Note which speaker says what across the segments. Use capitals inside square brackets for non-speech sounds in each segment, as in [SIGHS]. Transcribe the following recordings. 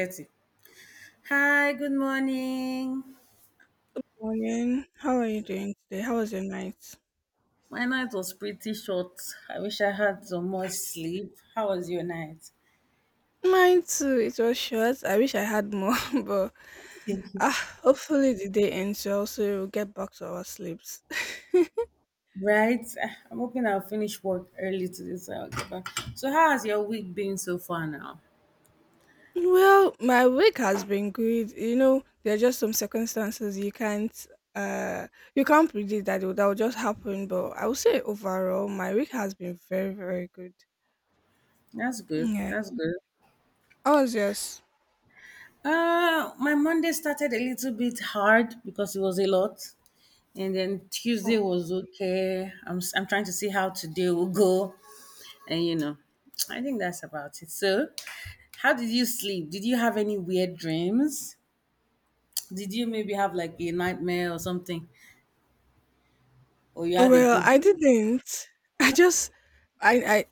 Speaker 1: 30. Hi, good morning.
Speaker 2: Morning. How are you doing today? How was your night?
Speaker 1: My night was pretty short. I wish I had some more sleep. How was your night?
Speaker 2: Mine too. It was short. I wish I had more, [LAUGHS] but hopefully the day ends well so we'll get back to our sleeps. [LAUGHS]
Speaker 1: Right? I'm hoping I'll finish work early today so I'll get back. So, how has your week been so far now?
Speaker 2: Well, my week has been good. You know, there are just some circumstances uh you can't predict that will just happen. But I would say overall, my week has been very very good.
Speaker 1: That's good.
Speaker 2: Yeah.
Speaker 1: That's good.
Speaker 2: How was yours?
Speaker 1: My Monday started a little bit hard because it was a lot, and then Tuesday
Speaker 2: Oh.
Speaker 1: was okay. I'm trying to see how today will go. And you know, I think that's about it. So, how did you sleep? Did you have any weird dreams? Did you maybe have like a nightmare or something? Or you had a
Speaker 2: Well,
Speaker 1: good
Speaker 2: I
Speaker 1: dream?
Speaker 2: didn't. [LAUGHS] I just I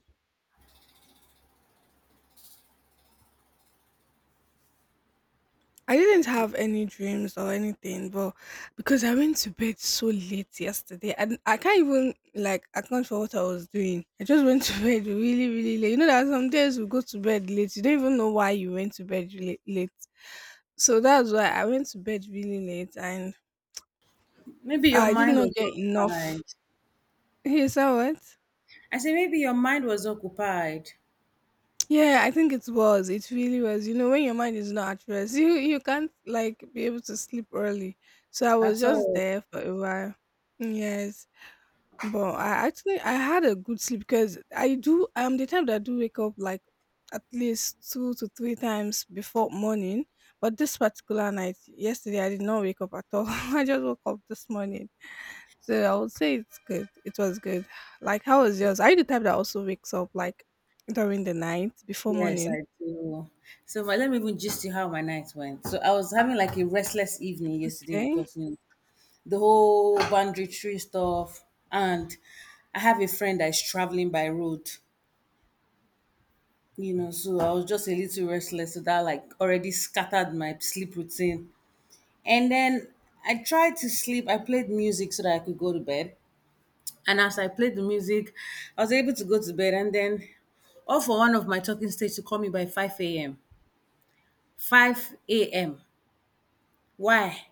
Speaker 2: I didn't have any dreams or anything, but because I went to bed so late yesterday, and I can't even like account for what I was doing. I just went to [LAUGHS] bed really, really late. You know that some days we go to bed late. You don't even know why you went to bed really late. So that's why I went to bed really late, and
Speaker 1: Maybe your
Speaker 2: I did
Speaker 1: mind
Speaker 2: not
Speaker 1: was
Speaker 2: get
Speaker 1: occupied.
Speaker 2: enough. You saw what?
Speaker 1: I say maybe your mind was occupied
Speaker 2: Yeah, I think it was. It really was. You know, when your mind is not at rest, you can't like be able to sleep early. So I was
Speaker 1: at
Speaker 2: just
Speaker 1: all.
Speaker 2: there for a while. Yes. But I actually I had a good sleep because I'm the type that do wake up like at least two to three times before morning. But this particular night, yesterday I did not wake up at all. [LAUGHS] I just woke up this morning. So I would say it's good. It was good. Like how was yours? Are you the type that also wakes up like during the night before
Speaker 1: Yes,
Speaker 2: morning?
Speaker 1: I do. So my, let me even just you how my night went. So I was having like a restless evening yesterday
Speaker 2: Okay.
Speaker 1: because you know the whole boundary tree stuff, and I have a friend that is traveling by road, you know, so I was just a little restless, so that like already scattered my sleep routine. And then I tried to sleep. I played music so that I could go to bed. And as I played the music, I was able to go to bed. And then all for one of my talking stage to call me by 5 a.m. 5 a.m. Why?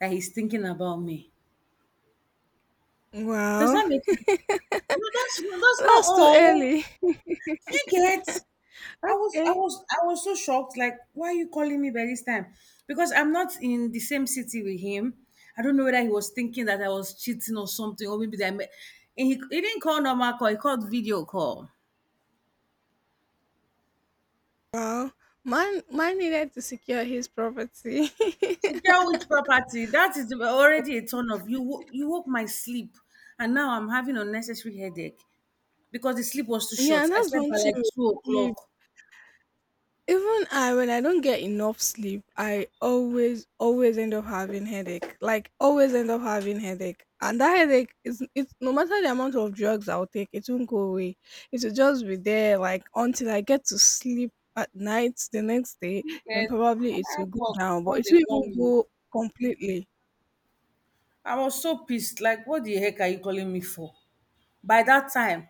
Speaker 1: That he's thinking about me. Does
Speaker 2: Wow.
Speaker 1: that make sense? No, that's
Speaker 2: [LAUGHS]
Speaker 1: that's not
Speaker 2: That's too
Speaker 1: all,
Speaker 2: early. [LAUGHS]
Speaker 1: you get? I was I
Speaker 2: Okay.
Speaker 1: was I was so shocked. Like, why are you calling me by this time? Because I'm not in the same city with him. I don't know whether he was thinking that I was cheating or something, or maybe that I met. And he didn't call normal call. He called video call.
Speaker 2: Wow. Man needed to secure his property. [LAUGHS]
Speaker 1: Secure which property? That is already a ton of you. You woke my sleep, and now I'm having unnecessary headache because the sleep was too
Speaker 2: Yeah,
Speaker 1: short.
Speaker 2: and
Speaker 1: I
Speaker 2: that's
Speaker 1: slept
Speaker 2: one
Speaker 1: by
Speaker 2: thing
Speaker 1: like
Speaker 2: with
Speaker 1: two
Speaker 2: sleep.
Speaker 1: o'clock.
Speaker 2: Even I, when I don't get enough sleep, I always, always end up having headache. Like always end up having headache, and that headache is it's no matter the amount of drugs I'll take, it won't go away. It will just be there, like until I get to sleep at night the next day. Then
Speaker 1: Yes,
Speaker 2: probably
Speaker 1: I'm
Speaker 2: it will
Speaker 1: at
Speaker 2: go
Speaker 1: work.
Speaker 2: down, but
Speaker 1: One
Speaker 2: it
Speaker 1: day
Speaker 2: will
Speaker 1: call
Speaker 2: even
Speaker 1: me.
Speaker 2: go completely.
Speaker 1: I was so pissed. Like, what the heck are you calling me for? By that time,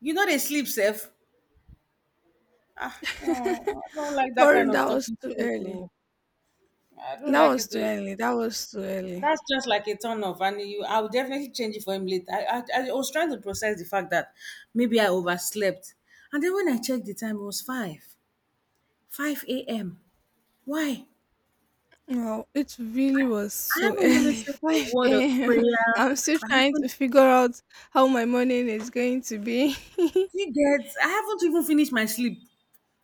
Speaker 1: you know they sleep sef. Ah! Omo! I don't
Speaker 2: [LAUGHS]
Speaker 1: like that
Speaker 2: For
Speaker 1: kind
Speaker 2: that
Speaker 1: of
Speaker 2: was
Speaker 1: talking
Speaker 2: too
Speaker 1: stage
Speaker 2: early.
Speaker 1: oh. I don't
Speaker 2: That
Speaker 1: like it
Speaker 2: was too
Speaker 1: oh.
Speaker 2: early. That was too early.
Speaker 1: That's just like a turn off and you I will definitely change it for him later. I was trying to process the fact that maybe I overslept, and then when I checked the time, it was five, 5 AM. Why?
Speaker 2: Wow, it really was
Speaker 1: I
Speaker 2: so
Speaker 1: haven't even
Speaker 2: early, [LAUGHS]
Speaker 1: said a word of
Speaker 2: 5 a.m.
Speaker 1: prayer.
Speaker 2: I'm still
Speaker 1: I
Speaker 2: trying
Speaker 1: haven't,
Speaker 2: to figure out how my morning is going to be. [LAUGHS]
Speaker 1: do you get? I haven't even finished my sleep.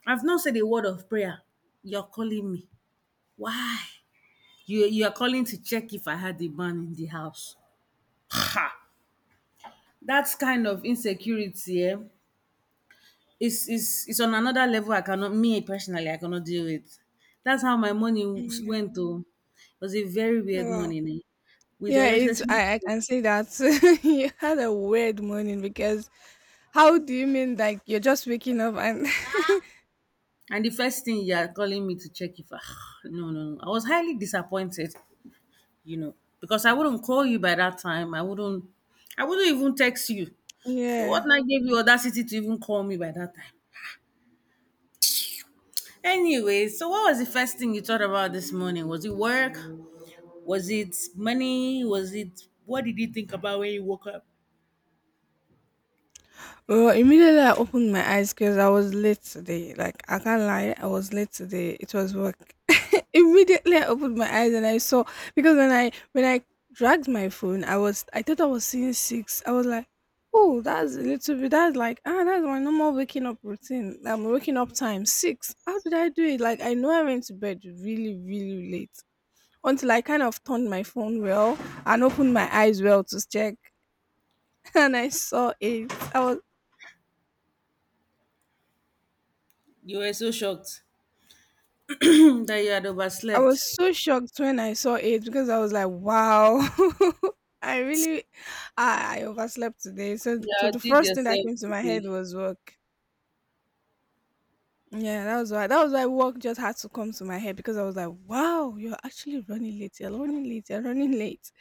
Speaker 1: I've not said a word of prayer. You're calling me. Why? You are calling to check if I had a man in the house. Ha! That kind of insecurity, eh, is on another level I cannot, me personally, I cannot deal with. That's how my
Speaker 2: Yeah.
Speaker 1: went to. It was a very weird
Speaker 2: Wow.
Speaker 1: morning, eh, with
Speaker 2: Yeah, it's
Speaker 1: unnecessary
Speaker 2: I, I
Speaker 1: people.
Speaker 2: can say that [LAUGHS] you had a weird morning because how do you mean like you're just waking up and [LAUGHS]
Speaker 1: And the first thing you are calling me to check if I, [SIGHS] no, no, no. I was highly disappointed, you know, because I wouldn't call you by that time. I wouldn't even text you. What
Speaker 2: yeah.
Speaker 1: I gave you audacity to even call me by that time? Anyway, so what was the first thing you thought about this morning? Was it work? Was it money? Was it, what did you think about when you woke up?
Speaker 2: Well, immediately I opened my eyes because I was late today. Like I can't lie, I was late today. It was work. Immediately I opened my eyes and I saw because when I dragged my phone, I thought I was seeing six. I was like, oh, that's a little bit. That's like that's my normal waking up routine. I'm waking up time six. How did I do it? Like I know I went to bed really really late until I kind of turned my phone well and opened my eyes well to check, [LAUGHS] and I saw eight. I was
Speaker 1: You were so shocked [CLEARS THROAT] that you had
Speaker 2: I was
Speaker 1: overslept.
Speaker 2: so shocked when I saw it because I was like, wow. [LAUGHS] I really, I overslept today. So,
Speaker 1: You
Speaker 2: so the
Speaker 1: outdid
Speaker 2: first thing that
Speaker 1: yourself
Speaker 2: came to my head
Speaker 1: today.
Speaker 2: was work. Yeah, that was why. That was why work just had to come to my head because I was like, wow, you're actually running late. You're running late. You're running late.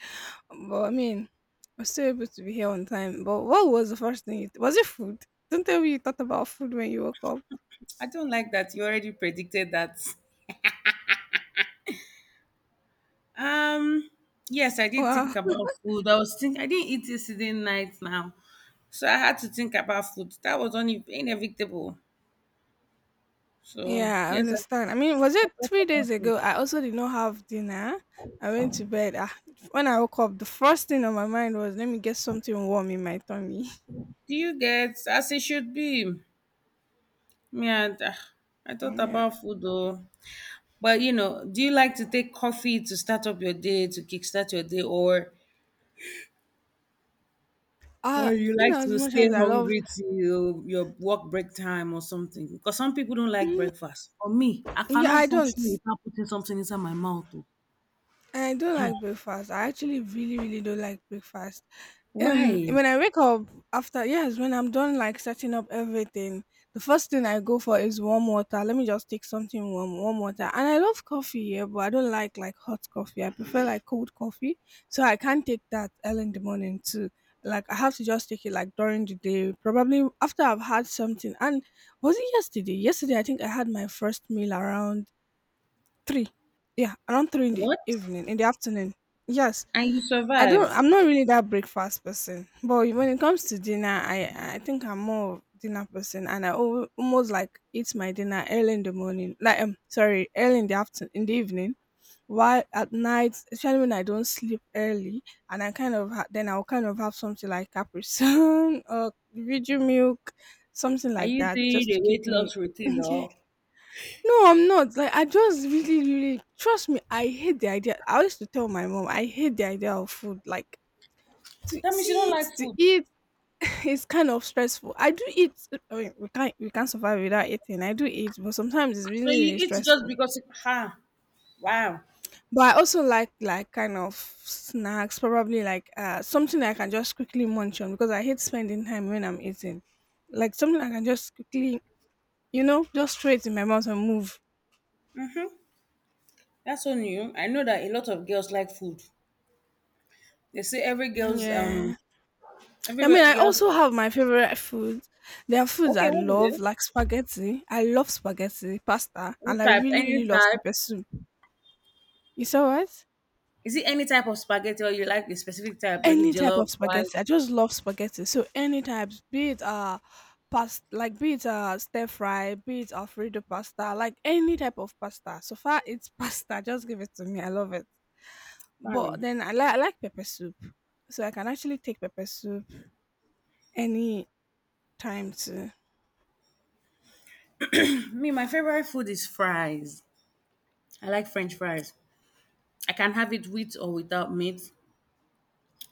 Speaker 2: But I mean, I was still able to be here on time. But what was the first thing? You was it food? Don't tell me you thought about food when you woke up.
Speaker 1: I don't like that. You already predicted that. Um, yes, I did think
Speaker 2: Wow.
Speaker 1: about food. I was think I didn't eat yesterday night now, so I had to think about food. That was only inevitable. So
Speaker 2: Yeah, I
Speaker 1: yes, I
Speaker 2: understand. I mean, was
Speaker 1: I
Speaker 2: it
Speaker 1: thought
Speaker 2: 3 days
Speaker 1: about food.
Speaker 2: ago? I also did not have dinner. I went to bed. When I woke up, the first thing on my mind was, let me get something warm in my tummy. [LAUGHS]
Speaker 1: Do you get, as it should be? Me, I, ah, I thought
Speaker 2: Yeah.
Speaker 1: about food though. But you know, do you like to take coffee to start up your day, to kickstart your day, or
Speaker 2: Uh,
Speaker 1: you
Speaker 2: you
Speaker 1: like
Speaker 2: know,
Speaker 1: to
Speaker 2: as much
Speaker 1: stay
Speaker 2: as I love,
Speaker 1: hungry till your work break time or something? Because some people don't like
Speaker 2: Mm,
Speaker 1: breakfast. For me, I
Speaker 2: yeah,
Speaker 1: cannot
Speaker 2: I don't.
Speaker 1: function without putting something inside my mouth, oh.
Speaker 2: I don't like breakfast. I actually really, really don't like breakfast. Um,
Speaker 1: Why?
Speaker 2: when I wake up after yes, when I'm done like setting up everything, the first thing I go for is warm water. Let me just take something warm, warm water. And I love coffee, yeah, but I don't like hot coffee. I prefer like cold coffee, so I can't take that early in the morning too. Like I have to just take it like during the day, probably after I've had something. And was it yesterday? Yesterday I think I had my first meal around 3. Yeah, around 3 in the
Speaker 1: What?
Speaker 2: evening, in the afternoon. Yes.
Speaker 1: And you
Speaker 2: I don't
Speaker 1: survived.
Speaker 2: I'm not really that breakfast person. But when it comes to dinner, I think I'm more of dinner person and I almost like eat my dinner early in the morning. Like sorry, early in the afternoon in the evening. While at night, especially when I don't sleep early and I kind of then I'll kind of have something like Capri Sun [LAUGHS] or Viju milk, something
Speaker 1: Are
Speaker 2: like
Speaker 1: you
Speaker 2: that,
Speaker 1: doing
Speaker 2: just
Speaker 1: a
Speaker 2: to keep
Speaker 1: weight
Speaker 2: me
Speaker 1: loss routine,
Speaker 2: [LAUGHS]
Speaker 1: or
Speaker 2: No, I'm not. Like I just really, really trust me. I hate the idea. I used to tell my mom I hate the idea of food. Like to
Speaker 1: that means you don't
Speaker 2: see it,
Speaker 1: like
Speaker 2: to
Speaker 1: food.
Speaker 2: eat [LAUGHS] is kind of stressful. I do eat. I mean, we can't survive without eating. I do eat, but sometimes it's
Speaker 1: So
Speaker 2: really, really
Speaker 1: you eat just
Speaker 2: stressful.
Speaker 1: because you ah, wow.
Speaker 2: But I also like kind of snacks, probably like something I can just quickly munch on because I hate spending time when I'm eating. Like something I can just quickly, just throw it in my mouth and move.
Speaker 1: That's so new. I know that a lot of girls like food. They say every girl's,
Speaker 2: Yeah.
Speaker 1: every
Speaker 2: I mean, I
Speaker 1: girl's,
Speaker 2: also have my favorite foods. There are foods
Speaker 1: okay,
Speaker 2: I
Speaker 1: what is
Speaker 2: love,
Speaker 1: it?
Speaker 2: like spaghetti. I love spaghetti, pasta,
Speaker 1: What
Speaker 2: and I
Speaker 1: type?
Speaker 2: really,
Speaker 1: Any
Speaker 2: really love
Speaker 1: type.
Speaker 2: pepper soup. You saw what?
Speaker 1: Is it any type of spaghetti or you like a specific type? Let me
Speaker 2: Any type
Speaker 1: jello,
Speaker 2: of spaghetti.
Speaker 1: white.
Speaker 2: I just love spaghetti. So any types, be it stir fry, be it Alfredo pasta, like any type of pasta. So far it's [LAUGHS] pasta. Just give it to me. I love it. But
Speaker 1: Pardon.
Speaker 2: then I like pepper soup. So I can actually take pepper soup any time too.
Speaker 1: Me, my favorite food is fries. I like French fries. I can have it with or without meat.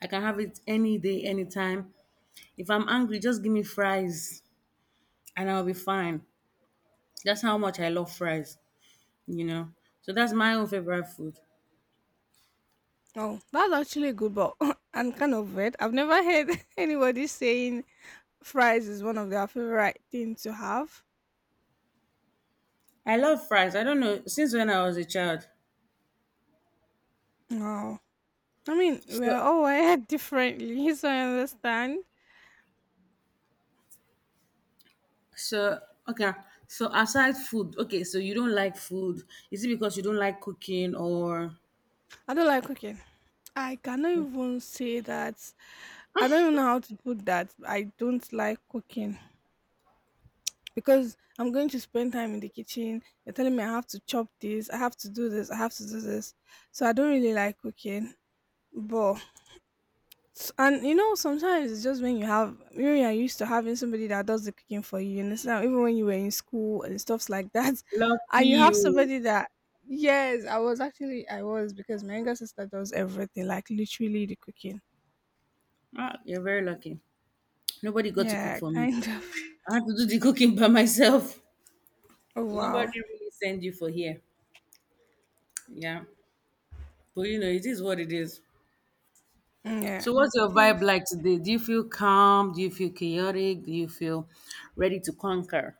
Speaker 1: I can have it any day, anytime. If I'm angry, just give me fries and I'll be fine. That's how much I love fries, you know. So that's my own favorite food.
Speaker 2: Oh, that's actually a good, but [LAUGHS] I'm kind of weird. I've never heard [LAUGHS] anybody saying fries is one of their favorite thing to have.
Speaker 1: I love fries. I don't know since when I was a child.
Speaker 2: No, I mean
Speaker 1: So,
Speaker 2: we're all wired [LAUGHS] differently, so I understand.
Speaker 1: so okay. So aside food, okay. So you don't like food. Is it because you don't like cooking or
Speaker 2: I don't like cooking. I cannot even say that. I don't even know how to put that. I don't like cooking because I'm going to spend time in the kitchen. They're telling me I have to chop this, I have to do this, I have to do this. So I don't really like cooking. But And sometimes it's just when you have when you are used to having somebody that does the cooking for you, you understand? Even when you were in school and stuffs like that, [LAUGHS]
Speaker 1: lucky
Speaker 2: and you have
Speaker 1: you?
Speaker 2: somebody that yes, I was because my younger sister does everything, like literally the cooking.
Speaker 1: Ah, you're very lucky. Nobody got to cook
Speaker 2: Yeah,
Speaker 1: for me.
Speaker 2: kind of. [LAUGHS]
Speaker 1: I had to do the cooking by myself.
Speaker 2: Oh wow.
Speaker 1: Nobody really send you for here. Yeah, but you know it is what it is.
Speaker 2: Mm,
Speaker 1: So
Speaker 2: yeah.
Speaker 1: what's your
Speaker 2: It
Speaker 1: vibe
Speaker 2: is.
Speaker 1: like today? Do you feel calm? Do you feel chaotic? Do you feel ready to conquer?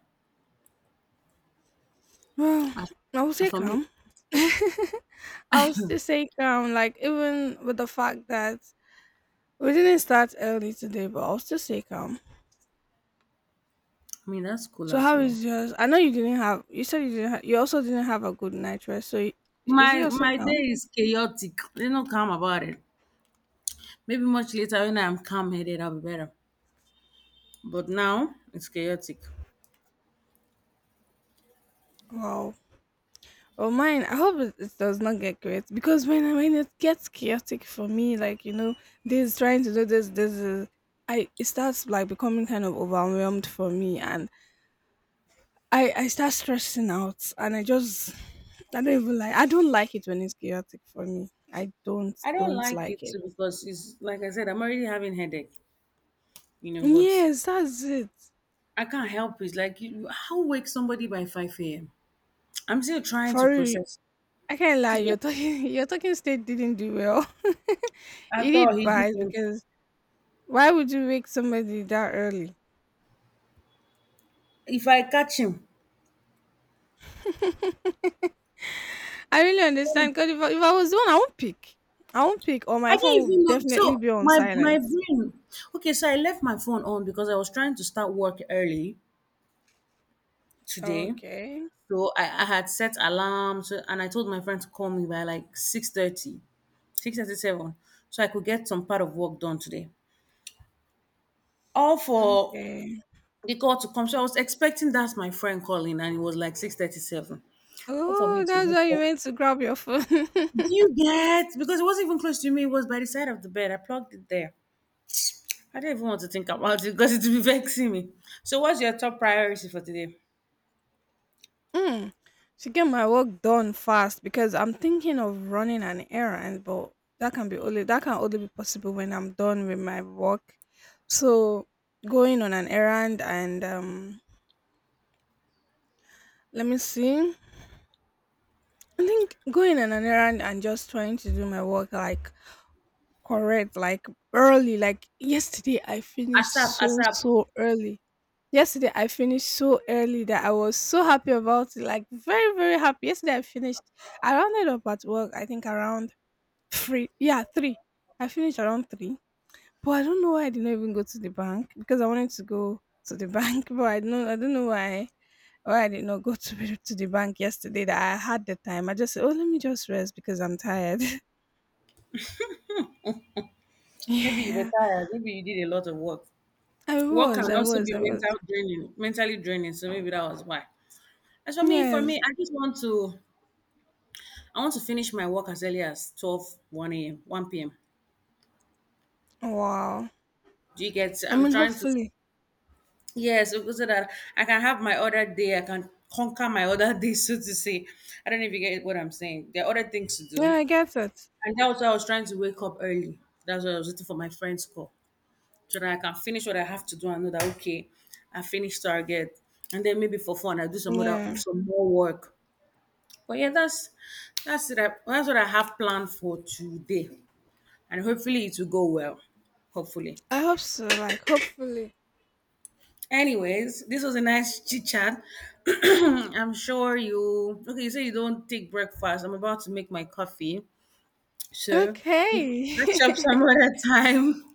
Speaker 2: Well,
Speaker 1: As,
Speaker 2: I would
Speaker 1: as
Speaker 2: say
Speaker 1: for me,
Speaker 2: calm. [LAUGHS] I would still say calm, like even with the fact that we didn't start early today, but I'll still say calm.
Speaker 1: I mean that's cool
Speaker 2: So
Speaker 1: as
Speaker 2: how
Speaker 1: well.
Speaker 2: is yours? I know you didn't have. You said you didn't. You also didn't have a good night rest. So is
Speaker 1: My
Speaker 2: it also
Speaker 1: my day
Speaker 2: calm?
Speaker 1: is chaotic. There's no calm about it. Maybe much later when I'm calm headed, I'll be better. But now it's chaotic.
Speaker 2: Wow. Well, mine. I hope it does not get great because when it gets chaotic for me, like this trying to do this, this is, I it starts like becoming kind of overwhelmed for me, and I start stressing out, and I don't even like. I don't like it when it's chaotic for me. I don't
Speaker 1: I don't
Speaker 2: don't
Speaker 1: like
Speaker 2: like
Speaker 1: it
Speaker 2: it.
Speaker 1: too because it's like I said, I'm already having headache, you know. But
Speaker 2: Yes, that's it.
Speaker 1: I can't help it. Like, you, how wake somebody by 5 a.m. I'm still trying to
Speaker 2: For real.
Speaker 1: process.
Speaker 2: I can't lie,
Speaker 1: Did
Speaker 2: your
Speaker 1: you-
Speaker 2: talking [LAUGHS] your talking state didn't do well. [LAUGHS]
Speaker 1: I
Speaker 2: It
Speaker 1: thought
Speaker 2: did
Speaker 1: he
Speaker 2: bad
Speaker 1: didn't.
Speaker 2: because why would you wake somebody that early?
Speaker 1: If I catch him,
Speaker 2: [LAUGHS] I really understand because if I was the one, I won't pick. I won't pick, or my
Speaker 1: I
Speaker 2: phone
Speaker 1: didn't even
Speaker 2: would
Speaker 1: know.
Speaker 2: definitely
Speaker 1: So
Speaker 2: be on
Speaker 1: my
Speaker 2: silence.
Speaker 1: brain. Okay, so I left my phone on because I was trying to start work early today.
Speaker 2: Okay.
Speaker 1: So I had set alarm so, and I told my friend to call me by like 6:30, 6:37, so I could get some part of work done today. All for
Speaker 2: Okay.
Speaker 1: the call to come. So I was expecting that's my friend calling and it was like 6:37. All for me
Speaker 2: Oh,
Speaker 1: to
Speaker 2: that's
Speaker 1: wake
Speaker 2: why you
Speaker 1: up.
Speaker 2: went to grab your phone. [LAUGHS]
Speaker 1: Do you get? Because it wasn't even close to me. It was by the side of the bed. I plugged it there. I didn't even want to think about it because it would be [LAUGHS] vexing me. So what's your top priority for today?
Speaker 2: Mm, to get my work done fast because I'm thinking of running an errand, but that can only be possible when I'm done with my work. So going on an errand and let me see. I think going on an errand and just trying to do my work like correct, like early. Like yesterday I finished
Speaker 1: ASAP,
Speaker 2: so
Speaker 1: ASAP.
Speaker 2: so early. Yesterday I finished so early that I was so happy about it, like very, very happy. Yesterday I finished. I rounded up at work, I think around three. Yeah, three. I finished around three. But I don't know why I did not even go to the bank because I wanted to go to the [LAUGHS] bank, but I don't know why I did not go to the bank yesterday that I had the time. I just said, Oh, let me just rest because I'm tired. [LAUGHS]
Speaker 1: Maybe you were
Speaker 2: Yeah.
Speaker 1: tired. Maybe you did a lot of work.
Speaker 2: I
Speaker 1: Work can
Speaker 2: was, I
Speaker 1: also
Speaker 2: was,
Speaker 1: be
Speaker 2: I was.
Speaker 1: mental draining, mentally draining. So maybe that was why. As for
Speaker 2: Yes.
Speaker 1: me, I just want to, I want to finish my work as early as 12, one a.m., 1 p.m.
Speaker 2: Wow.
Speaker 1: Do you get?
Speaker 2: I
Speaker 1: I'm
Speaker 2: mean
Speaker 1: trying to,
Speaker 2: hopefully.
Speaker 1: yes, so that I can have my other day. I can conquer my other [LAUGHS] day, so to say. I don't know if you get what I'm saying. There are other things to
Speaker 2: Yeah,
Speaker 1: do.
Speaker 2: I get it.
Speaker 1: And that was why I was trying to wake up early. That's why I was waiting for my friend's call so that I can finish what I have to do and know that, okay, I finished target. And then maybe for fun, I do some other,
Speaker 2: Yeah.
Speaker 1: some more work. But yeah, that's it. I, that's what I have planned for today, and hopefully it will go well. Hopefully.
Speaker 2: I hope so, like hopefully.
Speaker 1: Anyways, this was a nice chit chat. [CLEARS THROAT] I'm sure you. Okay, you say you don't take breakfast. I'm about to make my coffee, so we'll catch up some
Speaker 2: Okay.
Speaker 1: other time.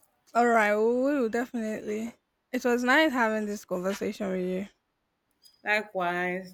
Speaker 2: [LAUGHS] All right, we will definitely. It was nice having this conversation with you.
Speaker 1: [LAUGHS] Likewise.